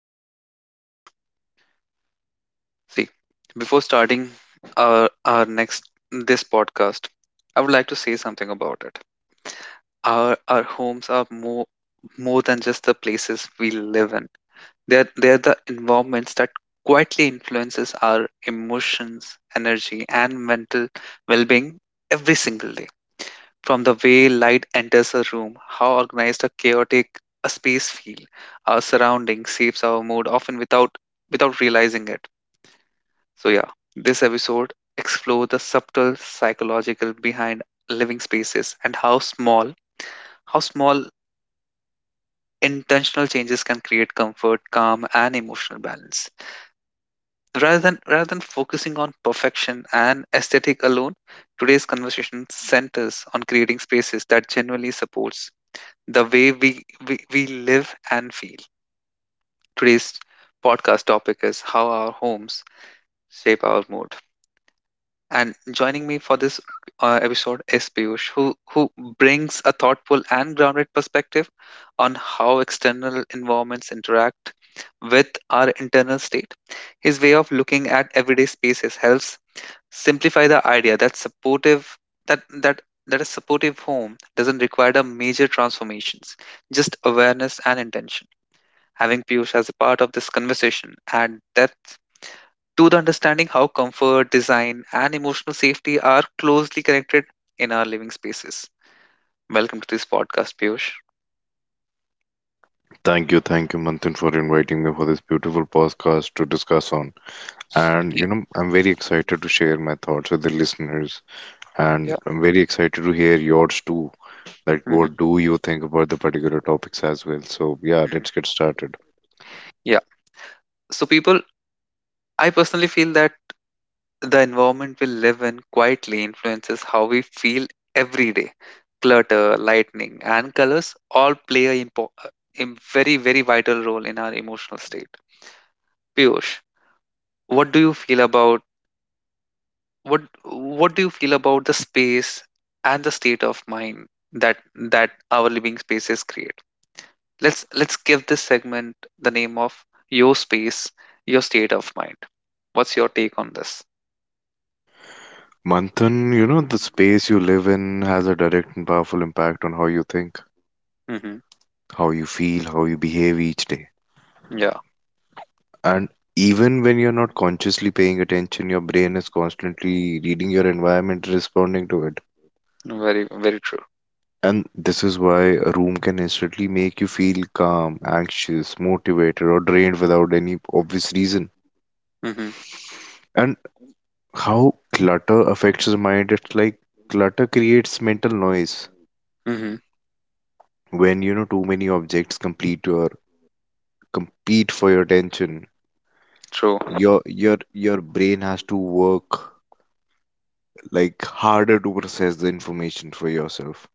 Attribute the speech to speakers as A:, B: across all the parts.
A: back to the podcast. See, before starting our next this podcast, I would like to say something about it. Our homes are more than just the places we live in. They're the environments that quietly influences our emotions, energy, and mental well-being every single day from the way light enters a room, how organized a chaotic a space feel. Our surrounding shapes our mood often without realizing it. So this episode explore the subtle psychological behind living spaces and how small intentional changes can create comfort, calm and emotional balance. Rather than focusing on perfection and aesthetic alone, today's conversation centers on creating spaces that genuinely supports the way we live and feel. Today's podcast topic is how our homes shape our mood. And joining me for this episode is Piyush, who brings a thoughtful and grounded perspective on how external environments interact with our internal state. His way of looking at everyday spaces helps simplify the idea that supportive that that that a supportive home doesn't require the major transformations, just awareness and intention. Having Piyush as a part of this conversation and depth to the understanding how comfort, design, and emotional safety are closely connected in our living spaces. Welcome to this podcast, Piyush.
B: Thank you, Manthan, for inviting me for this beautiful podcast to discuss on. And
A: Yeah.
B: you know, I'm very excited to share my thoughts with the listeners, and
A: Yeah.
B: I'm very excited to hear yours too. Like, what
A: hmm
B: do you think about the particular topics as well? So, yeah,
A: hmm
B: let's get started.
A: Yeah. So, people, I personally feel that the environment we live in quietly influences how we feel every day. Clutter, lightning, and colors all play a very, very vital role in our emotional state. Piyush, what do you feel about? What do you feel about the space and the state of mind that that our living spaces create? Let's give this segment the name of your space, your state of mind. What's your take on this?
B: Manthan, you know, the space you live in has a direct and powerful impact on how you think,
A: hmm
B: how you feel, how you behave each day.
A: yeah.
B: And even when you're not consciously paying attention, your brain is constantly reading your environment, responding to it.
A: Very true.
B: And this is why a room can instantly make you feel calm, anxious, motivated, or drained without any obvious reason.
A: hmm
B: And how clutter affects your mind, it's like clutter creates mental noise.
A: hmm
B: When you know too many objects complete your compete for your attention,
A: True.
B: your brain has to work like harder to process the information for yourself.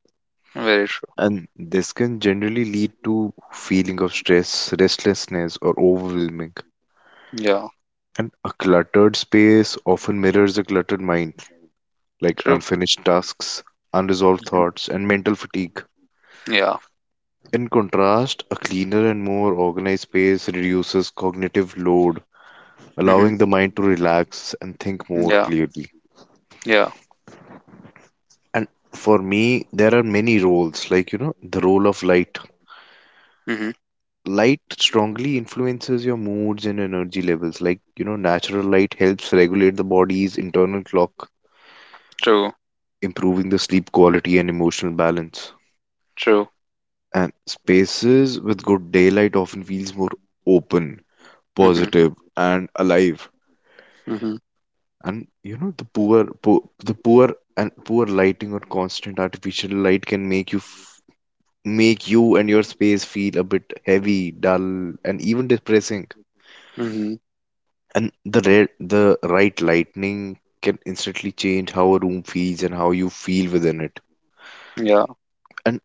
A: Very
B: And this can generally lead to feeling of stress, restlessness, or overwhelming.
A: true. Yeah.
B: And a cluttered space often mirrors a cluttered mind, like
A: True.
B: unfinished tasks, unresolved
A: hmm
B: thoughts, and mental fatigue.
A: yeah.
B: In contrast, a cleaner and more organized space reduces cognitive load,
A: hmm
B: allowing the mind to relax and think more
A: yeah.
B: clearly.
A: Yeah.
B: And for me, there are many roles, like, you know, the role of light.
A: hmm
B: Light strongly influences your moods and energy levels. Like, you know, natural light helps regulate the body's internal clock,
A: True.
B: improving the sleep quality and emotional balance.
A: True.
B: And spaces with good daylight often feels more open,
A: hmm
B: positive, and alive.
A: hmm
B: And you know the poor and poor lighting or constant artificial light can make you and your space feel a bit heavy, dull, and even depressing.
A: hmm
B: And the right lightning can instantly change how a room feels and how you feel within it.
A: yeah.
B: And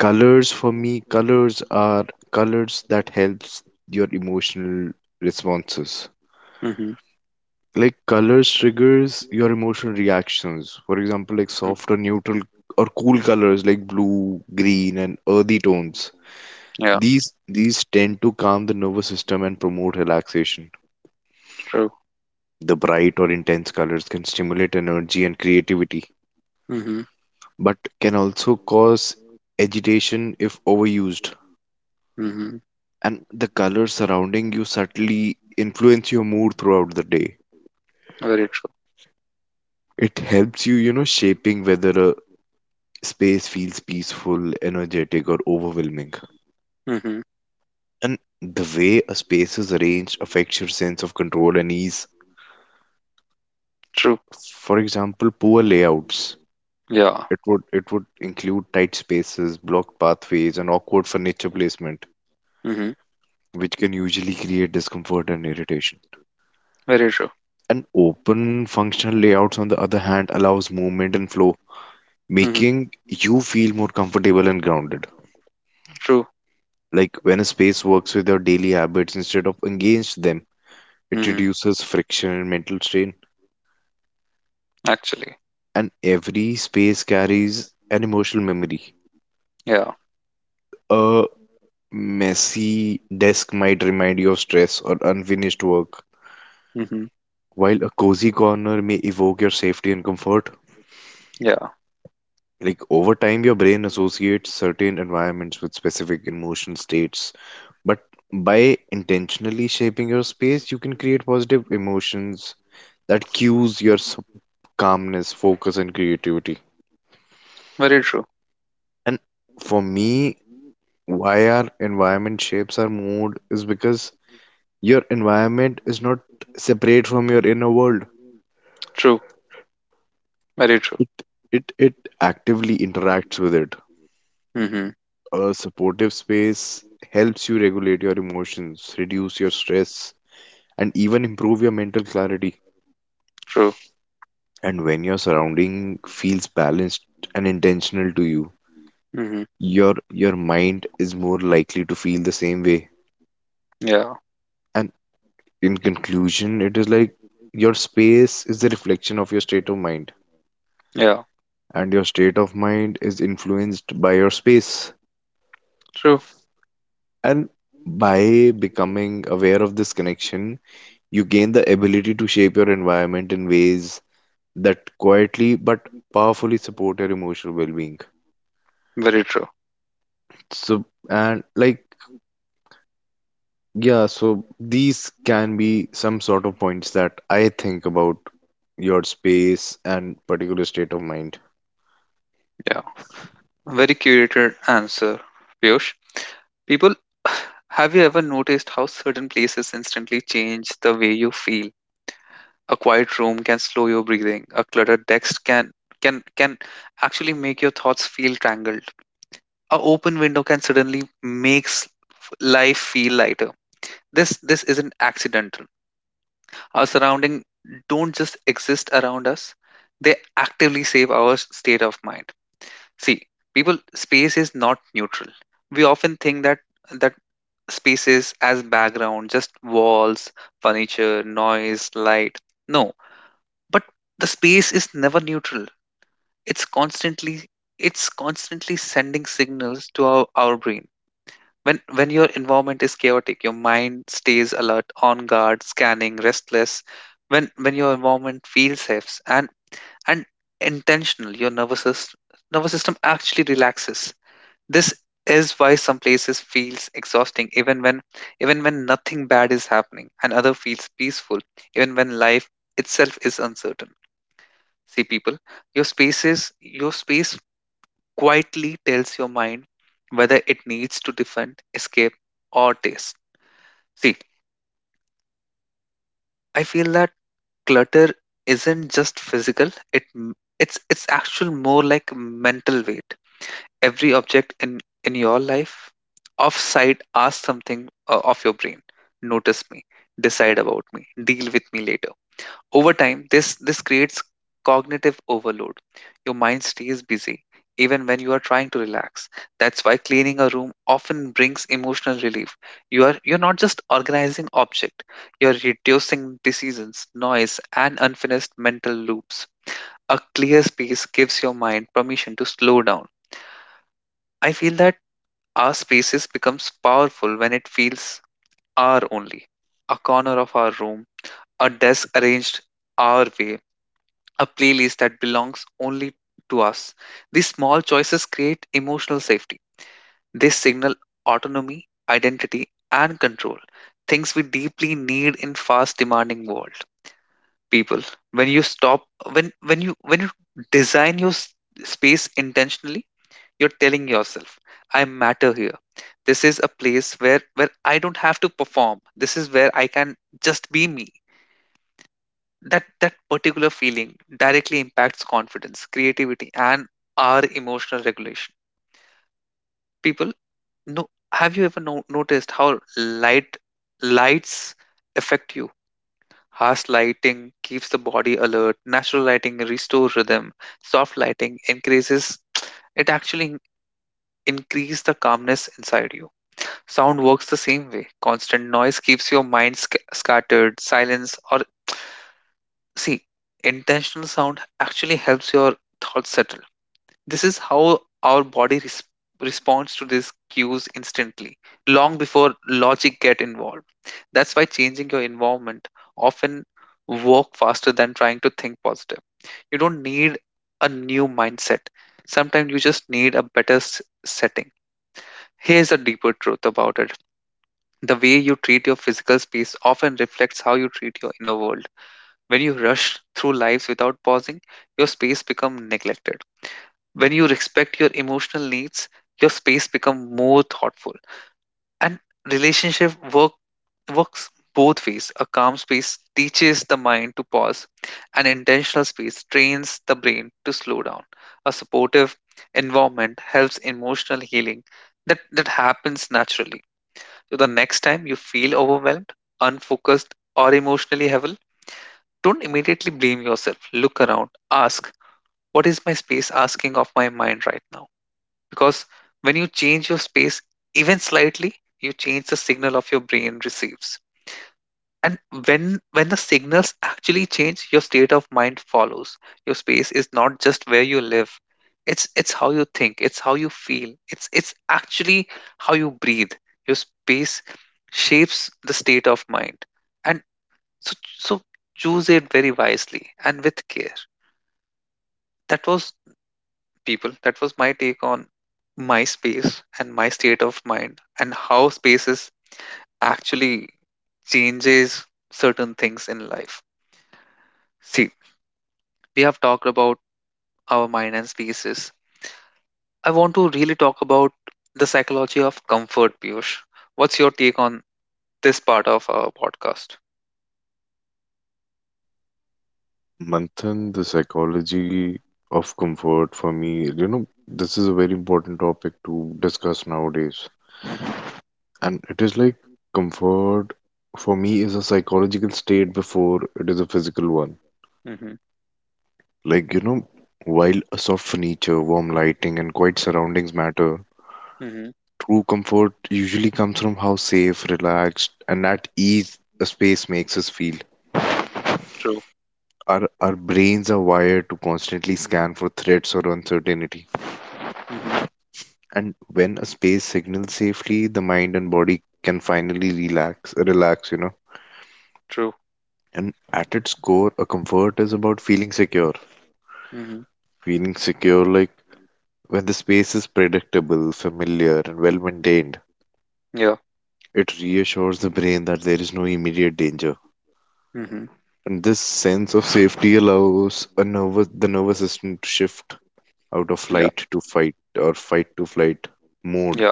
B: colors for me, colors are colors that helps your emotional responses,
A: hmm
B: like colors triggers your emotional reactions. For example, like soft or neutral or cool colors like blue, green, and earthy tones.
A: yeah.
B: These tend to calm the nervous system and promote relaxation.
A: True.
B: The bright or intense colors can stimulate energy and creativity,
A: hmm
B: but can also cause agitation if overused.
A: Mhm.
B: And the colors surrounding you subtly influence your mood throughout the day.
A: Very true.
B: It helps you, you know, shaping whether a space feels peaceful, energetic, or overwhelming.
A: Mhm.
B: And the way a space is arranged affects your sense of control and ease.
A: True.
B: For example, poor layouts.
A: Yeah.
B: It would include tight spaces, blocked pathways, and awkward furniture placement,
A: Mhm.
B: which can usually create discomfort and irritation.
A: Very true.
B: And open functional layouts, on the other hand, allows movement and flow,
A: Mhm.
B: making you feel more comfortable and grounded.
A: True.
B: Like when a space works with your daily habits instead of against them, it
A: Mhm.
B: reduces friction and mental strain,
A: Actually.
B: and every space carries an emotional memory.
A: Yeah.
B: A messy desk might remind you of stress or unfinished work,
A: Mhm.
B: while a cozy corner may evoke your safety and comfort.
A: Yeah.
B: Like over time, your brain associates certain environments with specific emotion states. But by intentionally shaping your space, you can create positive emotions that calmness, focus, and creativity.
A: Very true.
B: And for me, why our environment shapes our mood is because your environment is not separate from your inner world.
A: True. Very true.
B: It it actively interacts with it.
A: Mhm.
B: A supportive space helps you regulate your emotions, reduce your stress, and even improve your mental clarity.
A: True.
B: And when your surrounding feels balanced and intentional to you,
A: Mhm.
B: your mind is more likely to feel the same way.
A: Yeah.
B: And in conclusion, it is like your space is the reflection of your state of mind
A: Yeah.
B: and your state of mind is influenced by your space.
A: True.
B: And by becoming aware of this connection, you gain the ability to shape your environment in ways that quietly but powerfully support your emotional well being.
A: Very true.
B: So, and like, yeah, so these can be some sort of points that I think about your space and particular state of mind.
A: Yeah. Very curated answer, Piyush. People, have you ever noticed how certain places instantly change the way you feel? A quiet room can slow your breathing. A cluttered text can actually make your thoughts feel tangled. A open window can suddenly makes life feel lighter. This isn't accidental. Our surrounding don't just exist around us, they actively save our state of mind. See, people, space is not neutral. We often think that space is as background, just walls, furniture, noise, light. No. But the space is never neutral. It's constantly it's constantly sending signals to our brain. When your environment is chaotic, your mind stays alert, on guard, scanning, restless. When your environment feels safe and and intentional, your nervous system actually relaxes. This is why some places feels exhausting even when nothing bad is happening, and other feels peaceful even when life itself is uncertain. See, people, your spaces your space quietly tells your mind whether it needs to defend, escape, or taste. See, I feel that clutter isn't just physical, it's actual more like mental weight. Every object in your life offside asks something of your brain. Notice me, decide about me, deal with me later. Over time, this creates cognitive overload. Your mind stays busy even when you are trying to relax. That's why cleaning a room often brings emotional relief. You're not just organizing object, you're reducing decisions, noise, and unfinished mental loops. A clear space gives your mind permission to slow down. I feel that our spaces becomes powerful when it feels our only. A corner of our room, a desk arranged our way, a playlist that belongs only to us. These small choices create emotional safety. They signal autonomy, identity, and control, things we deeply need in fast demanding world. People, when you stop when you design your space intentionally, you're telling yourself, I matter here. This is a place where I don't have to perform. This is where I can just be me. That particular feeling directly impacts confidence, creativity, and our emotional regulation. People, no, have you ever noticed how lights affect you? Harsh lighting keeps the body alert, natural lighting restores rhythm, soft lighting increases, it actually in- increase the calmness inside you. Sound works the same way. Constant noise keeps your mind scattered, silence or… See, intentional sound actually helps your thoughts settle. This is how our body responds to these cues instantly, long before logic get involved. That's why changing your environment often work faster than trying to think positive. You don't need a new mindset. Sometimes you just need a better setting. Here's a deeper truth about it. The way you treat your physical space often reflects how you treat your inner world. When you rush through lives without pausing, your space becomes neglected. When you respect your emotional needs, your space becomes more thoughtful. And relationship works both ways. A calm space teaches the mind to pause. An intentional space trains the brain to slow down. A supportive environment helps emotional healing that happens naturally. So the next time you feel overwhelmed, unfocused, or emotionally heavy, don't immediately blame yourself. Look around. Ask, what is my space asking of my mind right now? Because when you change your space, even slightly, you change the signal of your brain receives. And when the signals actually change, your state of mind follows. Your space is not just where you live. It's how you think, it's how you feel. It's actually how you breathe. Your space shapes the state of mind. And so choose it very wisely and with care. That was people. That was my take on my space and my state of mind and how spaces actually changes certain things in life. See, we have talked about our mind and spaces. I want to really talk about the psychology of comfort, Piyush. What's your take on this part of our podcast?
B: Manthan, the psychology of comfort for me, you know, this is a very important topic to discuss nowadays.
A: Mm-hmm.
B: And it is like comfort for me is a psychological state before it is a physical one.
A: Mm-hmm.
B: Like, you know, while a soft furniture, warm lighting, and quiet surroundings matter,
A: Mm-hmm.
B: true comfort usually comes from how safe, relaxed, and at ease a space makes us feel.
A: True.
B: Our brains are wired to constantly scan for threats or uncertainty.
A: Mm-hmm.
B: And when a space signals safely, the mind and body can finally relax, you know.
A: True.
B: And at its core, a comfort is about feeling secure.
A: Mm-hmm.
B: Feeling secure, like when the space is predictable, familiar, and well maintained,
A: Yeah.
B: it reassures the brain that there is no immediate danger.
A: Mm-hmm.
B: And this sense of safety allows the nervous system to shift out of
A: Yeah.
B: flight to fight or fight to flight mode
A: Yeah.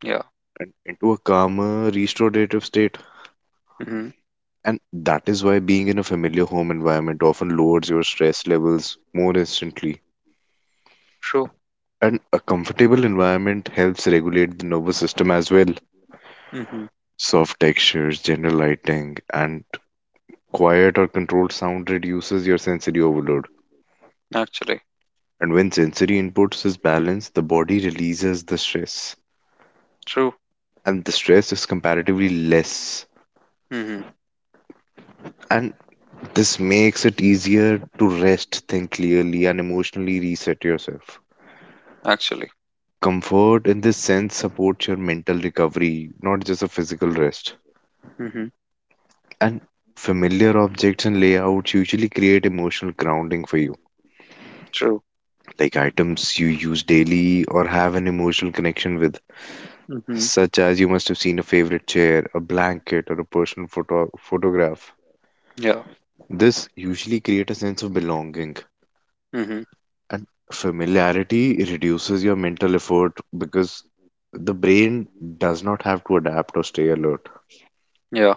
A: Yeah.
B: and into a calmer, restorative state.
A: Mhm.
B: And that is why being in a familiar home environment often lowers your stress levels more instantly.
A: True.
B: And a comfortable environment helps regulate the nervous system as well.
A: Mhm.
B: Soft textures, general lighting, and quiet or controlled sound reduces your sensory overload.
A: Actually.
B: And when sensory inputs is balanced, the body releases the stress.
A: True.
B: And the stress is comparatively less.
A: Mhm.
B: And this makes it easier to rest, think clearly, and emotionally reset yourself.
A: Actually.
B: Comfort in this sense supports your mental recovery, not just a physical rest.
A: Mhm.
B: And familiar objects and layouts usually create emotional grounding for you,
A: True.
B: like items you use daily or have an emotional connection with,
A: Mhm.
B: such as you must have seen a favorite chair, a blanket, or a personal photograph.
A: Yeah.
B: This usually creates a sense of belonging,
A: Mhm.
B: and familiarity reduces your mental effort because the brain does not have to adapt or stay alert.
A: Yeah.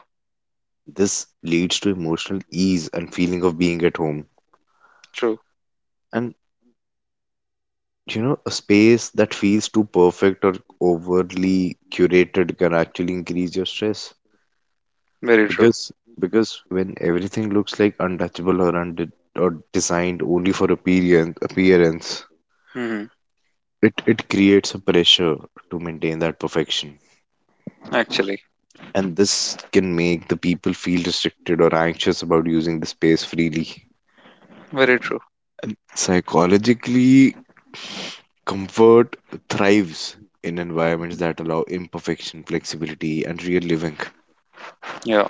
B: This leads to emotional ease and feeling of being at home.
A: True.
B: And you know, a space that feels too perfect or overly curated can actually increase your stress
A: Very true.
B: because because when everything looks like untouchable or unde or designed only for appearance,
A: Mhm.
B: it creates a pressure to maintain that perfection.
A: Actually.
B: And this can make the people feel restricted or anxious about using the space freely.
A: Very true.
B: Psychologically, comfort thrives in environments
A: Mhm.
B: that allow imperfection, flexibility, and real living.
A: Yeah.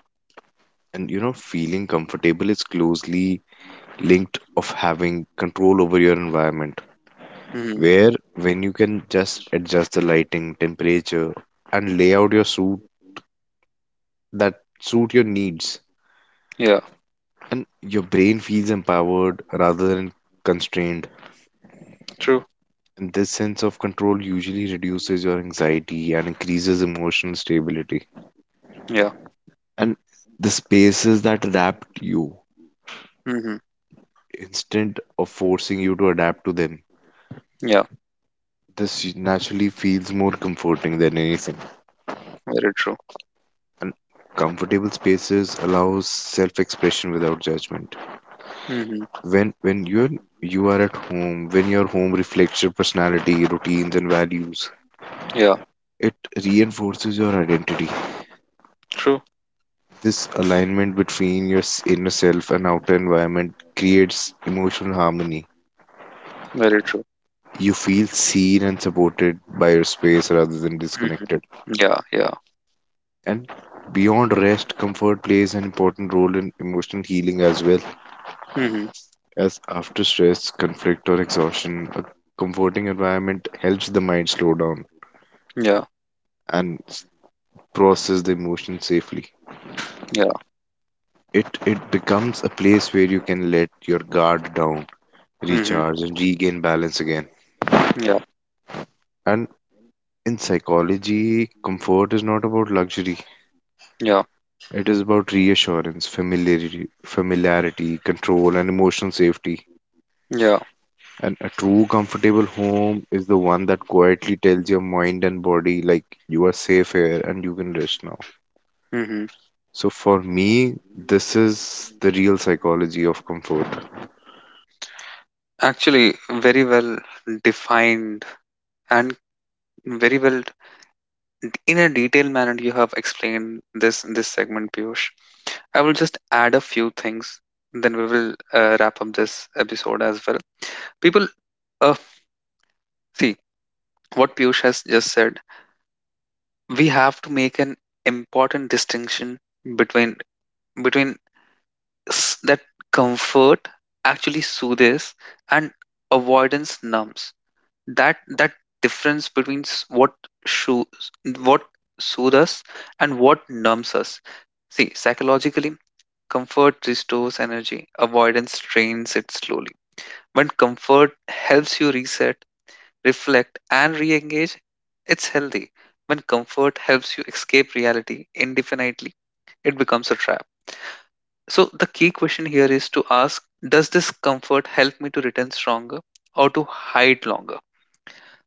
B: And you know, feeling comfortable is closely linked of having control over your environment,
A: Mhm.
B: where when you can just adjust the lighting, temperature, and lay out your suit that suit your needs,
A: Yeah.
B: and your brain feels empowered rather than constrained.
A: True.
B: And this sense of control usually reduces your anxiety and increases emotional stability.
A: Yeah.
B: And the spaces that adapt you
A: Mhm.
B: instead of forcing you to adapt to them.
A: Yeah.
B: This naturally feels more comforting than anything.
A: Very true.
B: And comfortable spaces allows self-expression without judgment.
A: Mhm.
B: When you are at home, when your home reflects your personality, routines, and values,
A: Yeah.
B: it reinforces your identity.
A: True.
B: This alignment between inner self and outer environment creates emotional harmony.
A: Very true.
B: You feel seen and supported by your space rather than
A: Mhm.
B: disconnected.
A: Yeah. Yeah.
B: And beyond rest, comfort plays an important role in emotional healing as well.
A: Mhm.
B: As after stress, conflict, or exhaustion, a comforting environment helps the mind slow down
A: Yeah.
B: and process the emotion safely.
A: Yeah.
B: It becomes a place where you can let your guard down,
A: Mhm.
B: recharge, and regain balance again.
A: Yeah.
B: And in psychology, comfort is not about luxury.
A: Yeah.
B: It is about reassurance, familiarity, control, and emotional safety.
A: Yeah.
B: And a true comfortable home is the one that quietly tells your mind and body, like, you are safe here and you can rest now.
A: Mhm.
B: So, for me, this is the real psychology of comfort.
A: Actually, very well defined and very well in a detailed manner you have explained this in this segment, Piyush. I will just add a few things, then we will wrap up this episode as well. People, uh, see, what Piyush has just said, we have to make an important distinction between between that comfort actually soothes and avoidance numbs. That difference between sho- what soothes us and what numbs us. See, psychologically, comfort restores energy, avoidance drains it slowly. When comfort helps you reset, reflect, and re-engage, it's healthy. When comfort helps you escape reality indefinitely, it becomes a trap. So the key question here is to ask, does this comfort help me to return stronger, or to hide longer?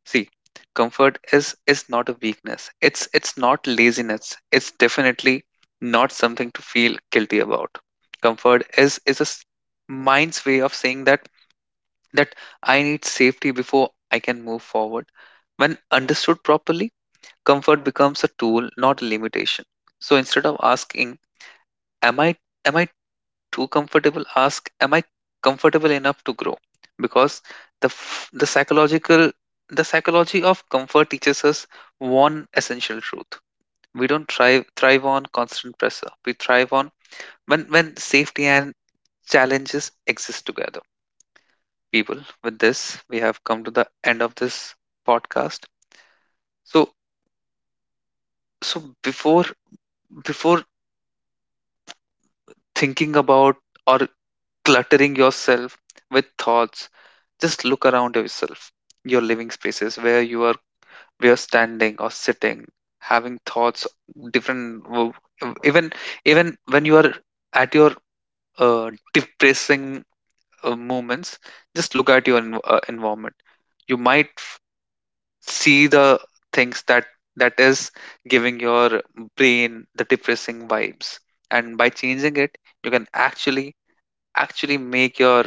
A: See, comfort is not a weakness. It's not laziness. It's definitely not something to feel guilty about. Comfort is a mind's way of saying that I need safety before I can move forward. When understood properly, comfort becomes a tool, not a limitation. So instead of asking, "Am I am I too comfortable," ask, am I comfortable enough to grow? Because the f- the psychological the psychology of comfort teaches us one essential truth. We don't thrive on constant pressure. We thrive on when safety and challenges exist together. People, with this, we have come to the end of this podcast. So so before thinking about or cluttering yourself with thoughts, just look around yourself, your living spaces where you are, where standing or sitting, having thoughts, different w- even when you are at your depressing moments, just look at your environment. You might see the things that is giving your brain the depressing vibes, and by changing it you can actually make your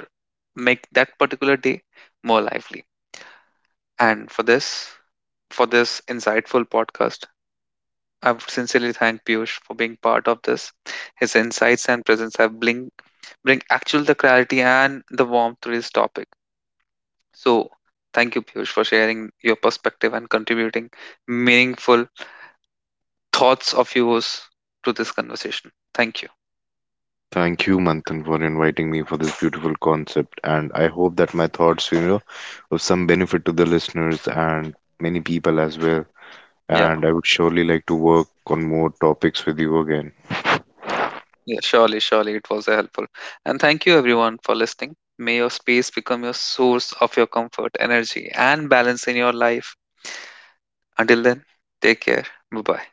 A: make that particular day more lively. And for this insightful podcast, I would sincerely thank Piyush for being part of this. His insights and presence have bring actual the clarity and the warmth to this topic. So thank you, Piyush, for sharing your perspective and contributing meaningful thoughts of yours to this conversation. Thank you.
B: Thank you, Manthan, for inviting me for this beautiful concept. And I hope that my thoughts, you know, of some benefit to the listeners and many people as well. And
A: Yeah,
B: I would surely like to work on more topics with you again.
A: yeah, yeah. Surely, surely it was helpful. And thank you everyone for listening. May your space become your source of your comfort, energy, and balance in your life. Until then, take care. Bye bye.